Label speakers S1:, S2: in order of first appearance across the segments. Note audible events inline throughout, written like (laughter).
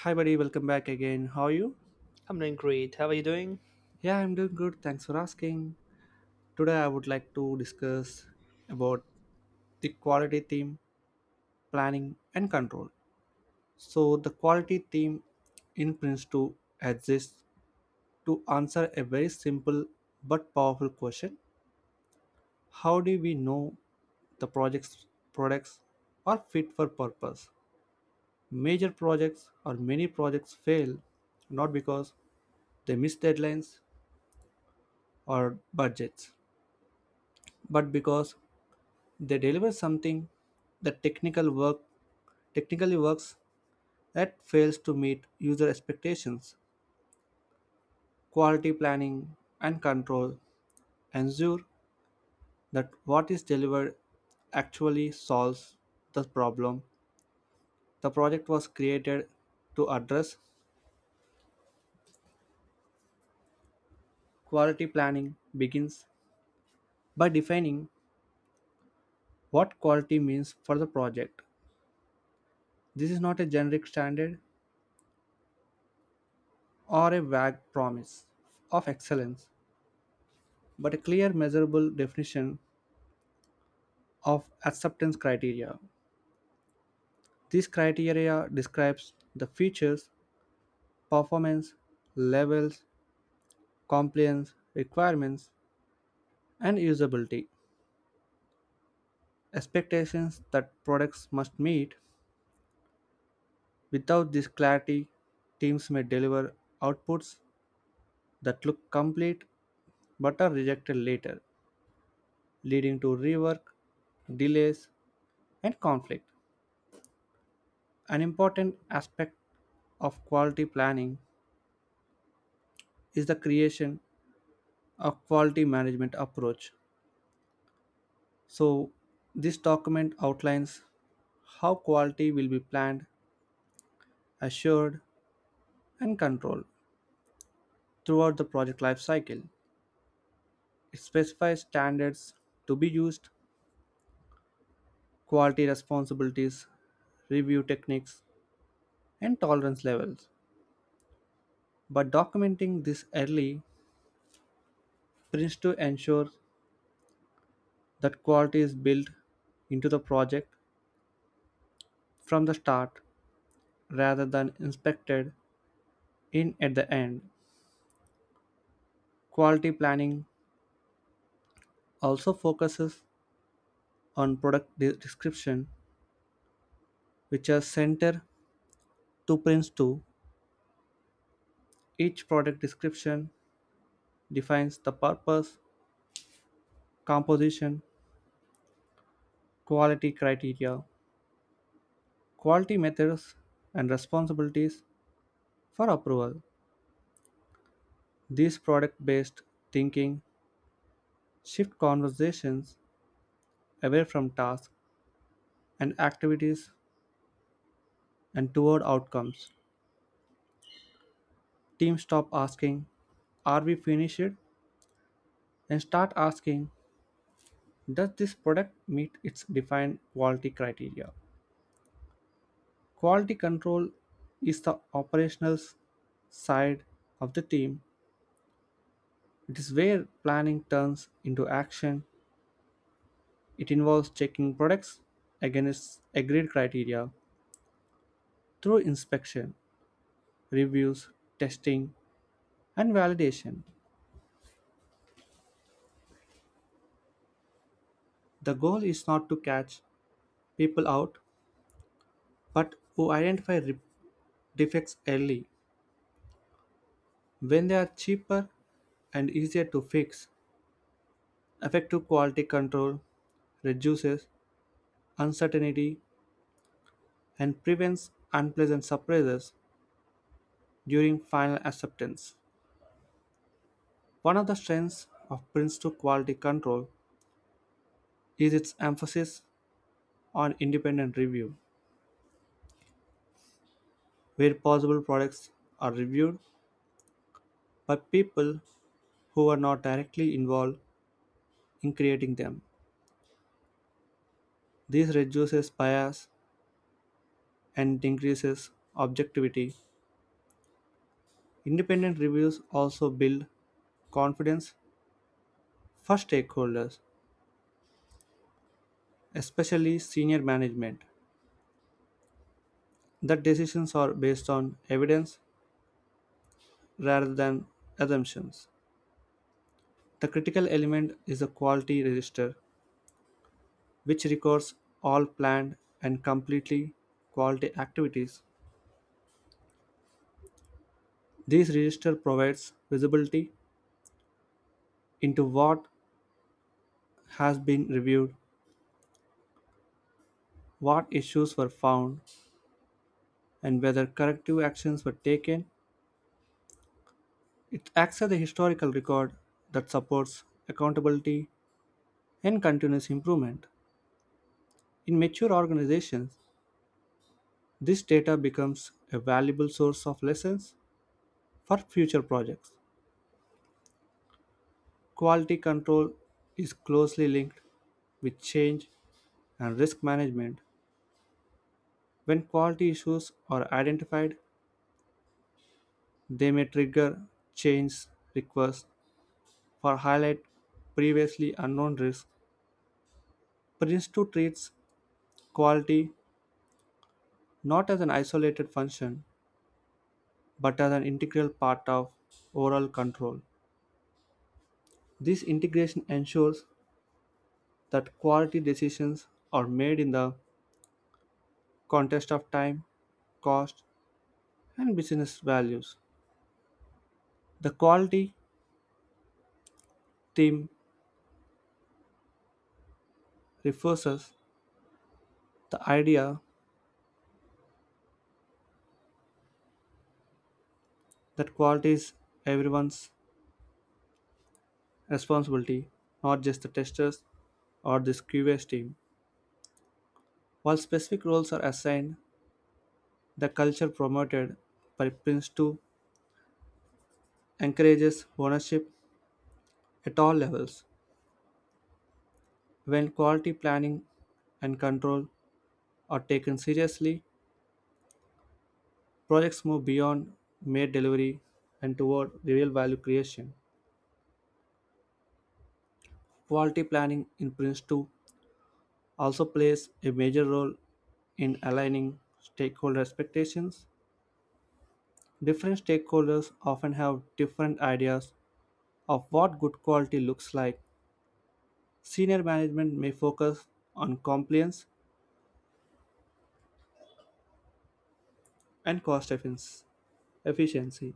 S1: Hi, buddy. Welcome back again. How are you?
S2: I'm doing great. How are you doing?
S1: Yeah, I'm doing good. Thanks for asking. Today, I would like to discuss about the quality theme, planning, and control. So, the quality theme in Prince2 exists to answer a very simple but powerful question: how do we know the project's products are fit for purpose? Major projects or many projects fail not because they miss deadlines or budgets, but because they deliver something that technically works that fails to meet user expectations. Quality planning and control ensure that what is delivered actually solves the problem the project was created to address. Quality planning begins by defining what quality means for the project. This is not a generic standard or a vague promise of excellence, but a clear measurable definition of acceptance criteria. This criteria describes the features, performance, levels, compliance, requirements, and usability. Expectations that products must meet. Without this clarity, teams may deliver outputs that look complete but are rejected later, leading to rework, delays, and conflict. An important aspect of quality planning is the creation of quality management approach. So, this document outlines how quality will be planned, assured, and controlled throughout the project life cycle. It specifies standards to be used, quality responsibilities, review techniques, and tolerance levels. But documenting this early brings to ensure that quality is built into the project from the start rather than inspected in at the end. Quality planning also focuses on description, which are center to prints to each product description. Defines the purpose, composition, quality criteria, quality methods, and responsibilities for approval. These product based thinking shift conversations away from tasks and activities and toward outcomes. Teams stop asking, are we finished, and start asking, does this product meet its defined quality criteria? Quality control is the side of the team. It is where planning turns into action. It involves checking products against agreed criteria through inspection, reviews, testing, and validation. The goal is not to catch people out, but to identify defects early when they are cheaper and easier to fix. Effective quality control reduces uncertainty and prevents unpleasant surprises during final acceptance. One of the strengths of Prince2 quality control is its emphasis on independent review, where possible products are reviewed by people who are not directly involved in creating them. This reduces bias and increases objectivity. Independent reviews also build confidence for stakeholders, especially senior management, that decisions are based on evidence rather than assumptions. The critical element is a quality register, which records all planned and completely quality activities. This register provides visibility into what has been reviewed, what issues were found, and whether corrective actions were taken. It acts as a historical record that supports accountability and continuous improvement. In mature organizations, this data becomes a valuable source of lessons for future projects. Quality control is closely linked with change and risk management. When quality issues are identified, they may trigger change requests or highlight previously unknown risks. Prince 2 treats quality not as an isolated function but as an integral part of overall control. This integration ensures that quality decisions are made in the context of time, cost, and business values. The quality theme refers us the idea that quality is everyone's responsibility, not just the testers or the QA team. While specific roles are assigned, the culture promoted by Prince 2 encourages ownership at all levels. When quality planning and control are taken seriously, projects move beyond mere delivery and toward real value creation. Quality planning in Prince 2 also plays a major role in aligning stakeholder expectations. Different stakeholders often have different ideas of what good quality looks like. Senior management may focus on compliance and efficiency,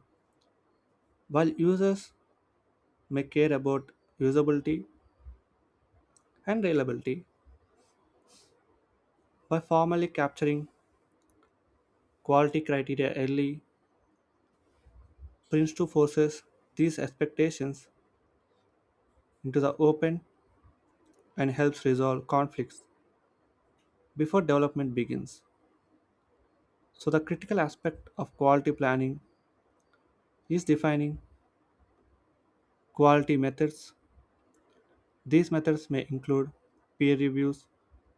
S1: while users may care about usability and reliability. By formally capturing quality criteria early, Prince 2 forces these expectations into the open and helps resolve conflicts before development begins. So, the critical aspect of quality planning is defining quality methods. These methods may include peer reviews,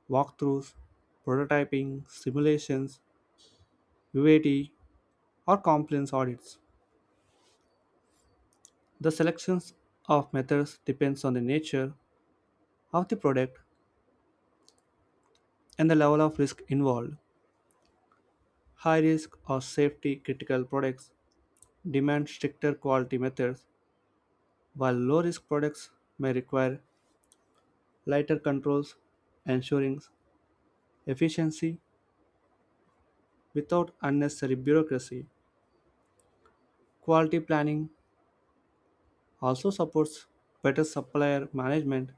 S1: walkthroughs, prototyping, simulations, UAT, or compliance audits. The selections of methods depends on the nature of the product and the level of risk involved. High risk or safety critical products demand stricter quality methods, while low risk products may require lighter controls, ensuring efficiency without unnecessary bureaucracy. Quality planning also supports better supplier management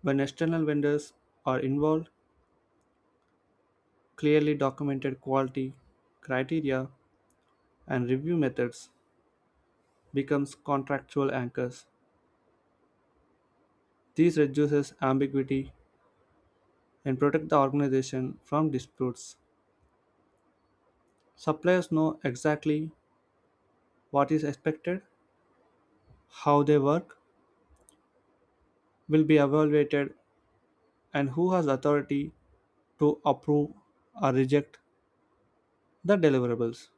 S1: when external vendors are involved. Clearly documented quality criteria and review methods becomes contractual anchors. This reduces ambiguity and protect the organization from disputes. Suppliers know exactly what is expected, how they work will be evaluated, and who has authority to approve or reject the deliverables.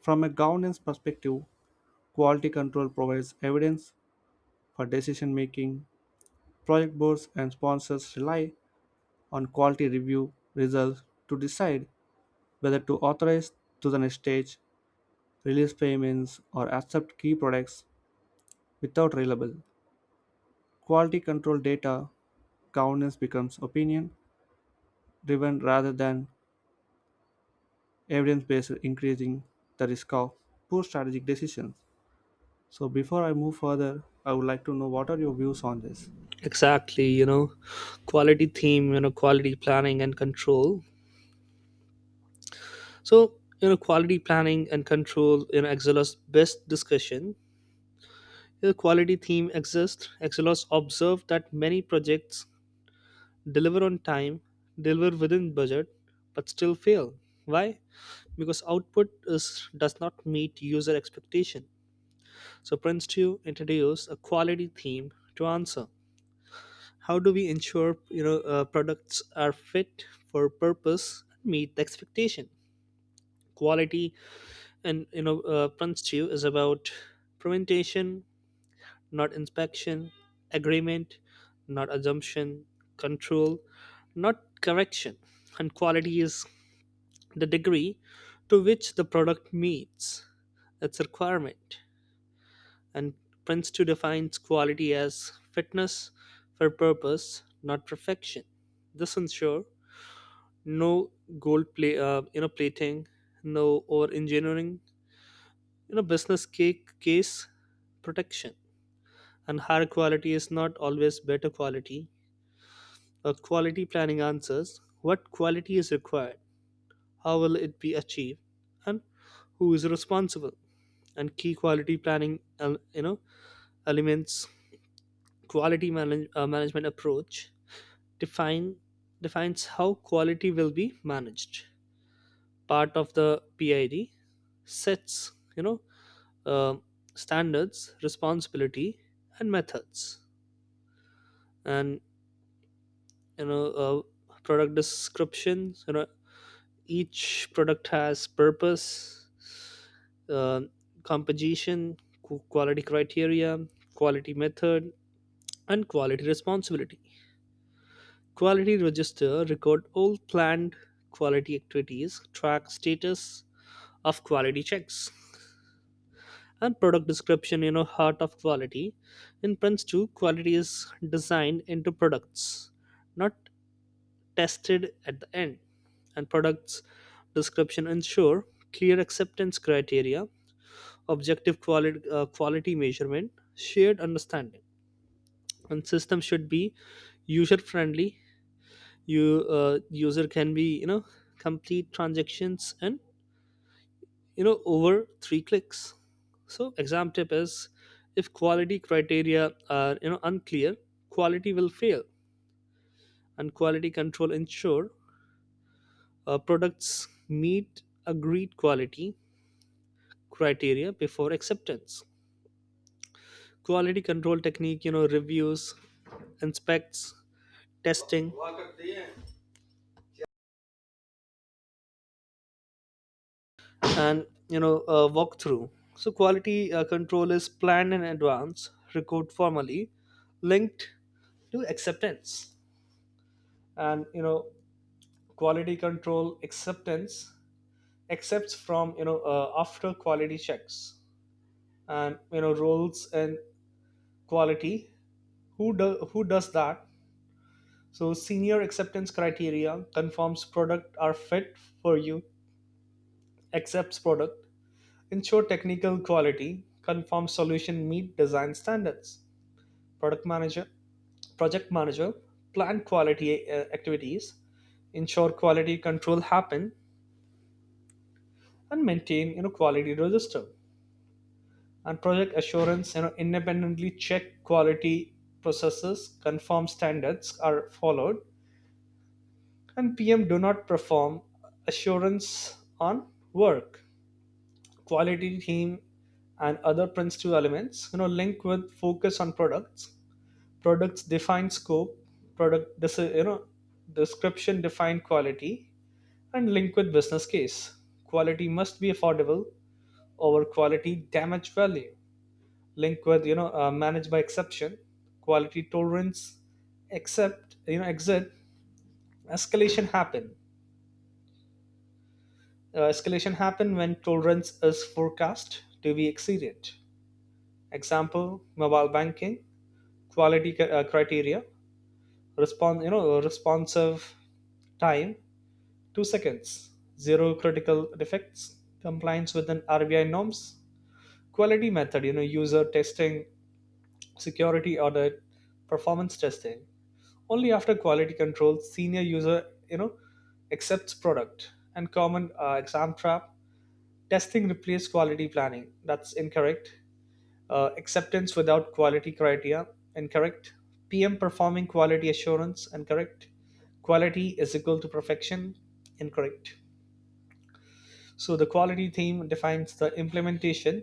S1: From a governance perspective, quality control provides evidence for decision making. Project boards and sponsors rely on quality review results to decide whether to authorize to the next stage, release payments, or accept key products without reliable quality control data. Governance becomes opinion driven rather than evidence based, increasing the risk of poor strategic decisions. So before I move further, I would like to know what are your views on this?
S2: Exactly, quality theme, quality planning and control. So, quality planning and control in Excelos best discussion. The quality theme exists. Excelos observed that many projects deliver on time, deliver within budget, but still fail. Why? Because output is does not meet user expectation. So Prince2 introduced a quality theme to answer. How do we ensure products are fit for purpose, meet the expectation quality. And chew is about prevention, not inspection, agreement, not assumption, control, not correction. And quality is the degree to which the product meets its requirement. And prince 2 defines quality as fitness for purpose, not perfection. This ensure. No gold play you know plating, no or engineering, you know business cake case protection. And higher quality is not always better quality. Or quality planning answers what quality is required, how will it be achieved, and who is responsible. And key quality planning elements, quality management approach define defines how quality will be managed, part of the pid, sets uh, standards, responsibility, and methods. And you know, product descriptions. You know, each product has purpose, uh, composition, quality criteria, quality method, and quality responsibility. Quality register record all planned quality activities, track status of quality checks, and product description, you know, heart of quality. In prince 2 quality is designed into products, not tested at the end. And products description ensure clear acceptance criteria, objective quality measurement, shared understanding. And system should be user friendly. You user can be, you know, complete transactions and, you know, over three clicks. So exam tip is, if quality criteria are, you know, unclear, quality will fail. And quality control ensure products meet agreed quality criteria before acceptance. Quality control technique, you know, reviews, inspects, testing, and walkthrough. So quality control is planned in advance, record formally, linked to acceptance. And, you know, quality control acceptance accepts from, after quality checks. And, you know, roles and quality, who does that. So senior acceptance criteria confirms product are fit for you, accepts product, ensure technical quality, confirms solution meet design standards. Product manager, project manager plan quality activities, ensure quality control happen, and maintain, you know, quality register. And project assurance, you know, independently check quality processes, confirm standards are followed. And pm do not perform assurance on work, quality team. And other principal elements, you know, link with focus on products. Products define scope, product this is you know description define quality, and link with business case. Quality must be affordable, over quality damage value, linked with manage by exception, quality tolerance, except, you know, exit escalation happen. Escalation happen when tolerance is forecast to be exceeded. Example mobile banking, criteria, respond, you know, responsive time 2 seconds, zero critical defects, compliance with an rbi norms. Quality method, you know, user testing, security audit, performance testing. Only after quality control, senior user, you know, accepts product. And common exam trap, testing replaced quality planning. That's incorrect. Acceptance without quality criteria, incorrect. PM performing quality assurance, incorrect. Quality is equal to perfection, incorrect. So the quality theme defines the implementation,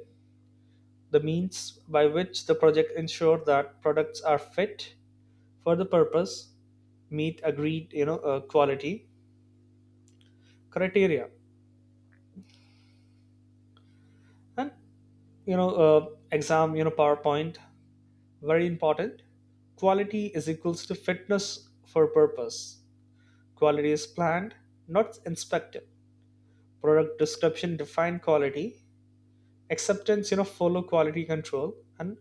S2: the means by which the project ensure that products are fit for the purpose, meet agreed quality criteria. And you know uh, exam, you know, powerpoint, very important. Quality is equals to fitness for purpose, quality is planned not inspected, product description define quality, acceptance, you know, follow quality control, and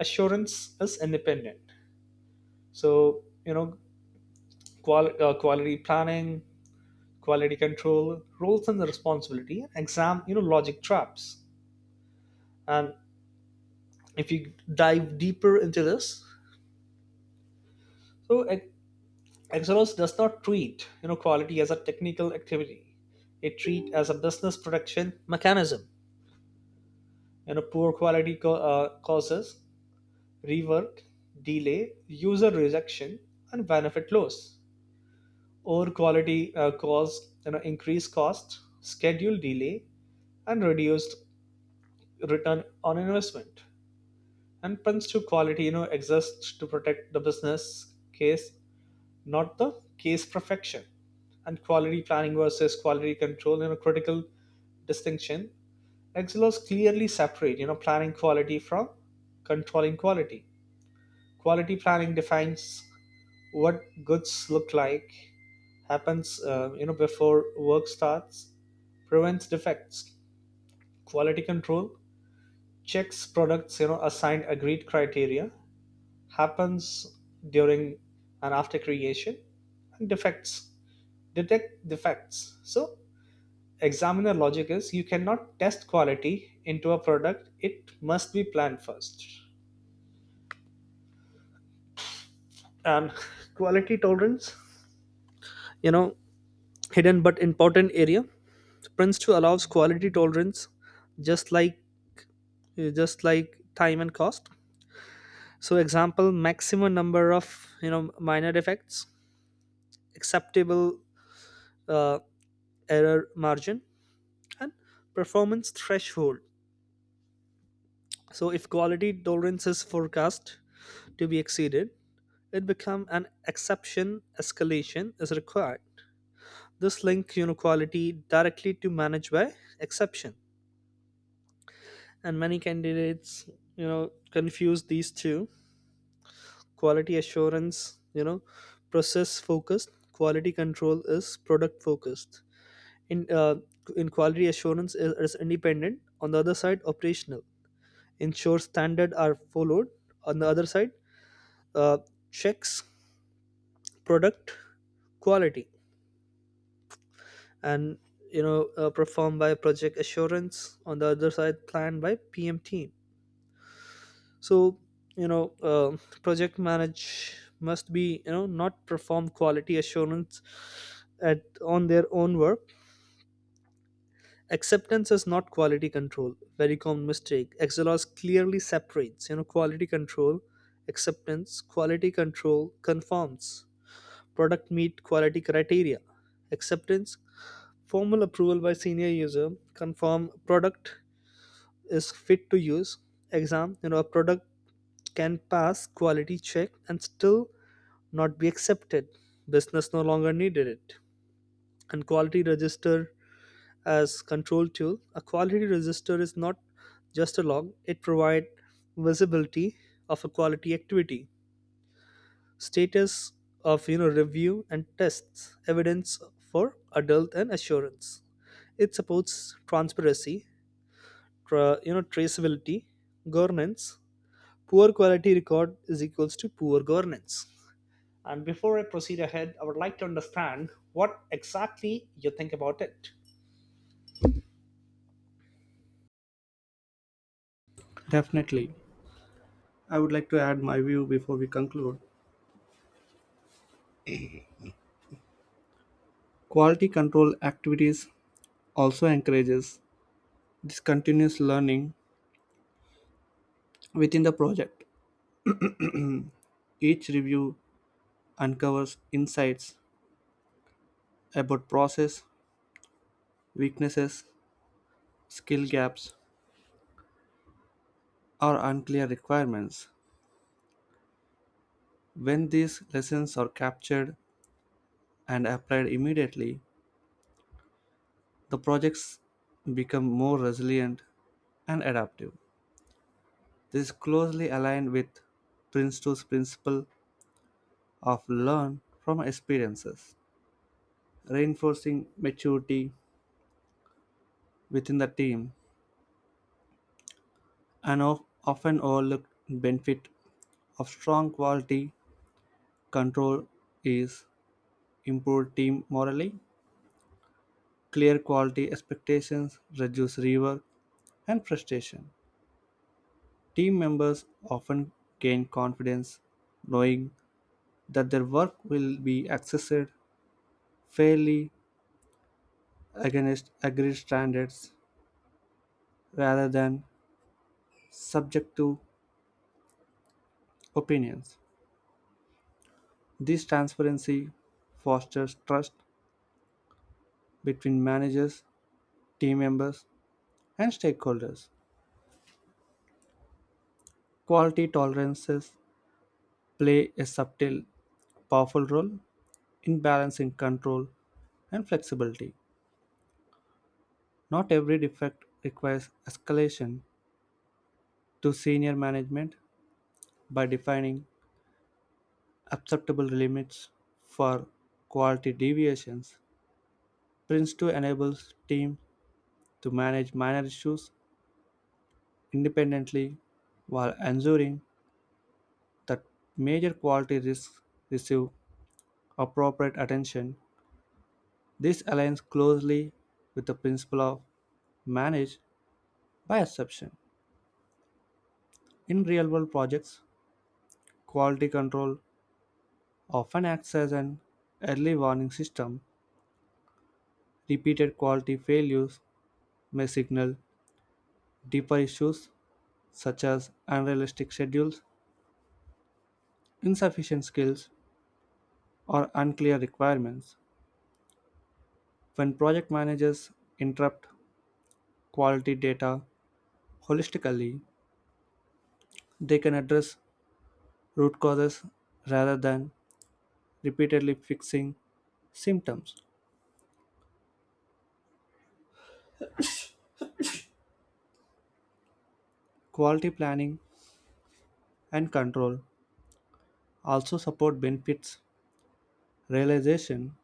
S2: assurance is independent. So, you know, quality planning, quality control, roles and responsibility, exam, you know, logic traps. And if you dive deeper into this. So Exodus does not treat, you know, quality as a technical activity. It treats as a business production mechanism. You know, poor causes rework, delay, user rejection, and benefit loss. Poor quality cause, you know, increased cost, schedule delay, and reduced return on investment. And punch to quality, you know, exists to protect the business case, not the case perfection. And quality planning versus quality control, you know, critical distinction. Excelos clearly separate, you know, planning quality from controlling quality. Quality planning defines what goods look like, happens, you know, before work starts, prevents defects. Quality control checks products, you know, assigned agreed criteria, happens during and after creation, and defects detect defects. So, examiner logic is, you cannot test quality into a product, it must be planned first. And (laughs) quality tolerance, you know, hidden but important area. Prince2 allows quality tolerance just like just like time and cost. So example, maximum number of, you know, minor defects, acceptable uh, error margin, and performance threshold. So if quality tolerance is forecast to be exceeded, it become an exception, escalation is required. This links inequality directly to manage by exception. And many candidates, you know, confuse these two. Quality assurance, you know, process focused, quality control is product focused. in uh, in quality assurance is independent on the other side, operational, ensure standards are followed on the other side, uh, checks product quality. And performed by project assurance on the other side, planned by pm team. So, you know uh, project manage must be, you know, not perform quality assurance at on their own work. Acceptance is not quality control, very common mistake. Xlrs clearly separates, you know, quality control acceptance. Quality control conforms product meet quality criteria. Acceptance, formal approval by senior user, confirm product is fit to use. Exam, you know, a product can pass quality check and still not be accepted, business no longer needed it. And quality register as control tool, a quality register is not just a log, it provides visibility of a quality activity, status of, you know, review and tests, evidence for adult and assurance. It supports transparency, you know, traceability, governance. Poor quality record is equals to poor governance. And before I proceed ahead, I would like to understand what exactly you think about it.
S1: Definitely. I would like to add my view before we conclude. Quality control activities also encourages this continuous learning within the project. Each review uncovers insights about process, weaknesses, skill gaps, or unclear requirements. When these lessons are captured and applied immediately, the projects become more resilient and adaptive. This is closely aligned with Princeton's principle of learn from experiences, reinforcing maturity within the team. An often overlooked benefit of strong quality control is improved team morale, clear quality expectations, reduce rework and frustration. Team members often gain confidence knowing that their work will be assessed fairly against agreed standards rather than subject to opinions. This transparency fosters trust between managers, team members, and stakeholders. Quality tolerances play a subtle, powerful role in balancing control and flexibility. Not every defect requires escalation to senior management by defining acceptable limits for quality deviations. Prince2 enables teams to manage minor issues independently while ensuring that major quality risks receive appropriate attention. This aligns closely with the principle of manage by exception. In real world projects, quality control often acts as an early warning system. Repeated quality failures may signal deeper issues such as unrealistic schedules, insufficient skills, or unclear requirements. When project managers interrupt quality data holistically, they can address root causes rather than repeatedly fixing symptoms. Quality planning and control also support benefits realization.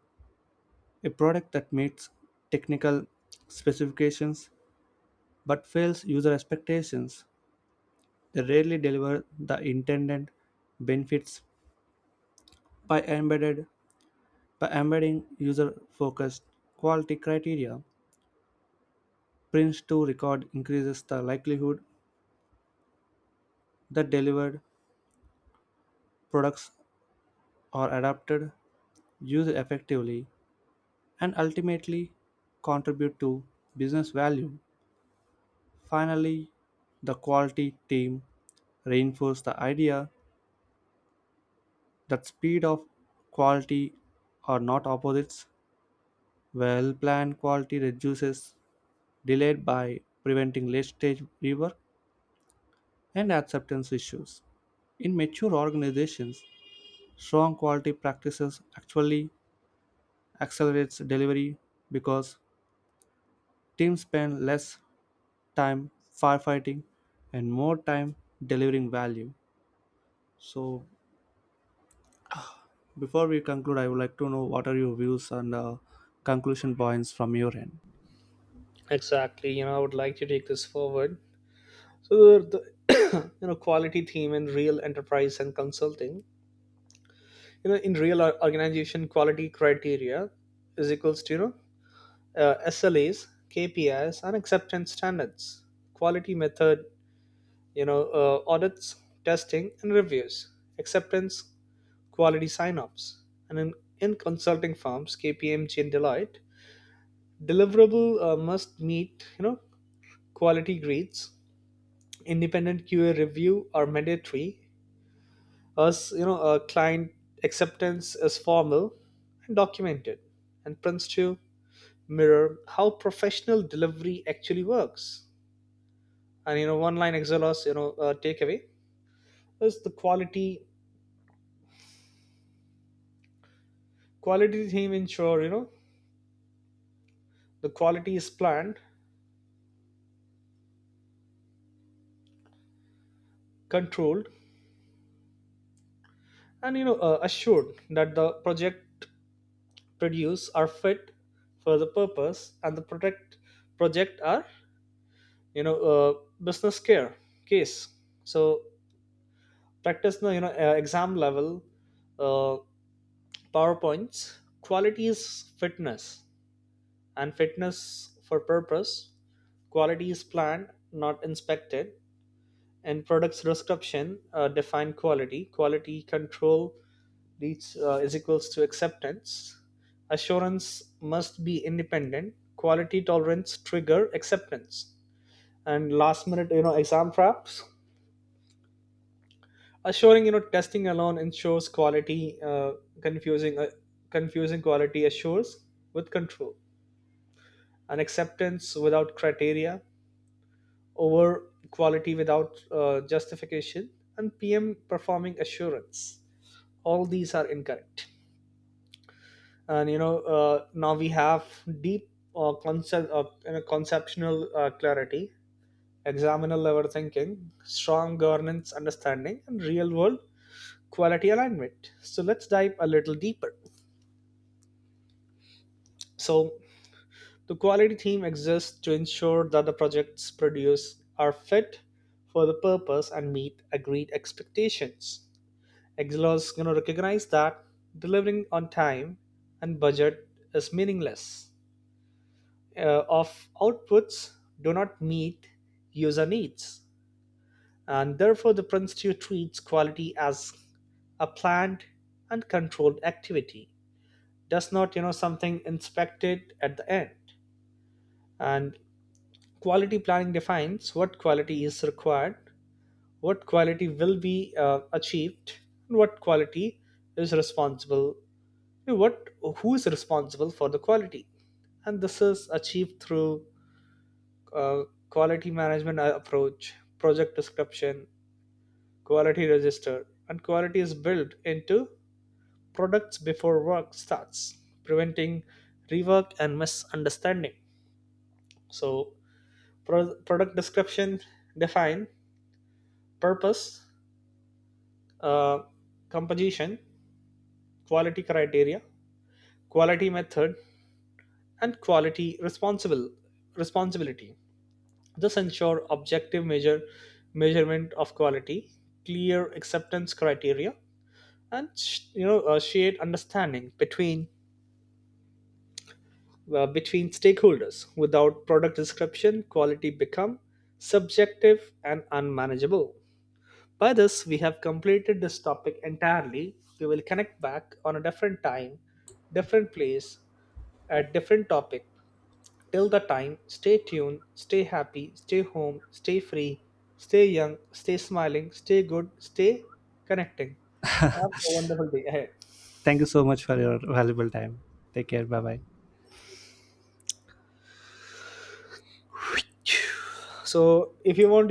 S1: A product that meets technical specifications but fails user expectations, they rarely deliver the intended benefits by embedded by embedding user-focused quality criteria. Prince2 record increases the likelihood the delivered products are adapted, used effectively, and ultimately contribute to business value. Finally, the quality team reinforced the idea that speed of quality are not opposites. Well planned quality reduces delay by preventing late stage rework and acceptance issues. In mature organizations, strong quality practices actually accelerates delivery because teams spend less time firefighting and more time delivering value. So, before we conclude, I would like to know what are your views and conclusion points from your end.
S2: Exactly, you know, I would like to take this forward. So the (coughs) (clears throat) you know quality theme in real enterprise and consulting, you know, in real organization, quality criteria is equals to, SLAs, KPIs, and acceptance standards. Quality method, you know, audits, testing, and reviews. Acceptance, quality sign-offs. And in consulting firms, KPMG and Deloitte, deliverable must meet, you know, quality grades. Independent QA review are mandatory. As you know, client acceptance is formal and documented, and prints to mirror how professional delivery actually works. And, you know, one line Excelos, you know, takeaway is the quality team ensure, you know, the quality is planned, controlled, and assured that the project produce are fit for the purpose, and the protect project are, you know uh, business care case. So practice the, exam level uh, powerpoints, quality is fitness for purpose, quality is planned not inspected, and products description define quality. Quality control reach is equals to acceptance, assurance must be independent, quality tolerance trigger acceptance. And last minute, you know, exam traps, assuring, you know, testing alone ensures quality confusing uh, confusing quality assures with control, and acceptance without criteria, over quality without justification, and pm performing assurance, all these are incorrect. And now we have deep conceptual clarity, examiner level thinking, strong governance understanding, and real world quality alignment. So let's dive a little deeper. So the quality team exists to ensure that the projects produced are fit for the purpose and meet agreed expectations. Exlos, you know, recognize that delivering on time and budget is meaningless of outputs do not meet user needs, and therefore the Institute treats quality as a planned and controlled activity, does not, you know, something inspected at the end. And quality planning defines what quality is required, what quality will be achieved, and what quality is responsible. What Who is responsible for the quality? And this is achieved through uh, quality management approach, project description, quality register, and quality is built into products before work starts, preventing rework and misunderstanding. So, product description define purpose, uh, composition, quality criteria, quality method, and quality responsible responsibility. This ensure objective measurement of quality, clear acceptance criteria, and shared understanding between between stakeholders. Without product description, quality become subjective and unmanageable. By this we have completed this topic entirely. We will connect back on a different time, different place, at different topic. Till the time, stay tuned, stay happy, stay home, stay free, stay young, stay smiling, stay good, stay connecting. Have a wonderful day ahead.
S1: Thank you so much for your valuable time. Take care. Bye bye.
S2: So if you want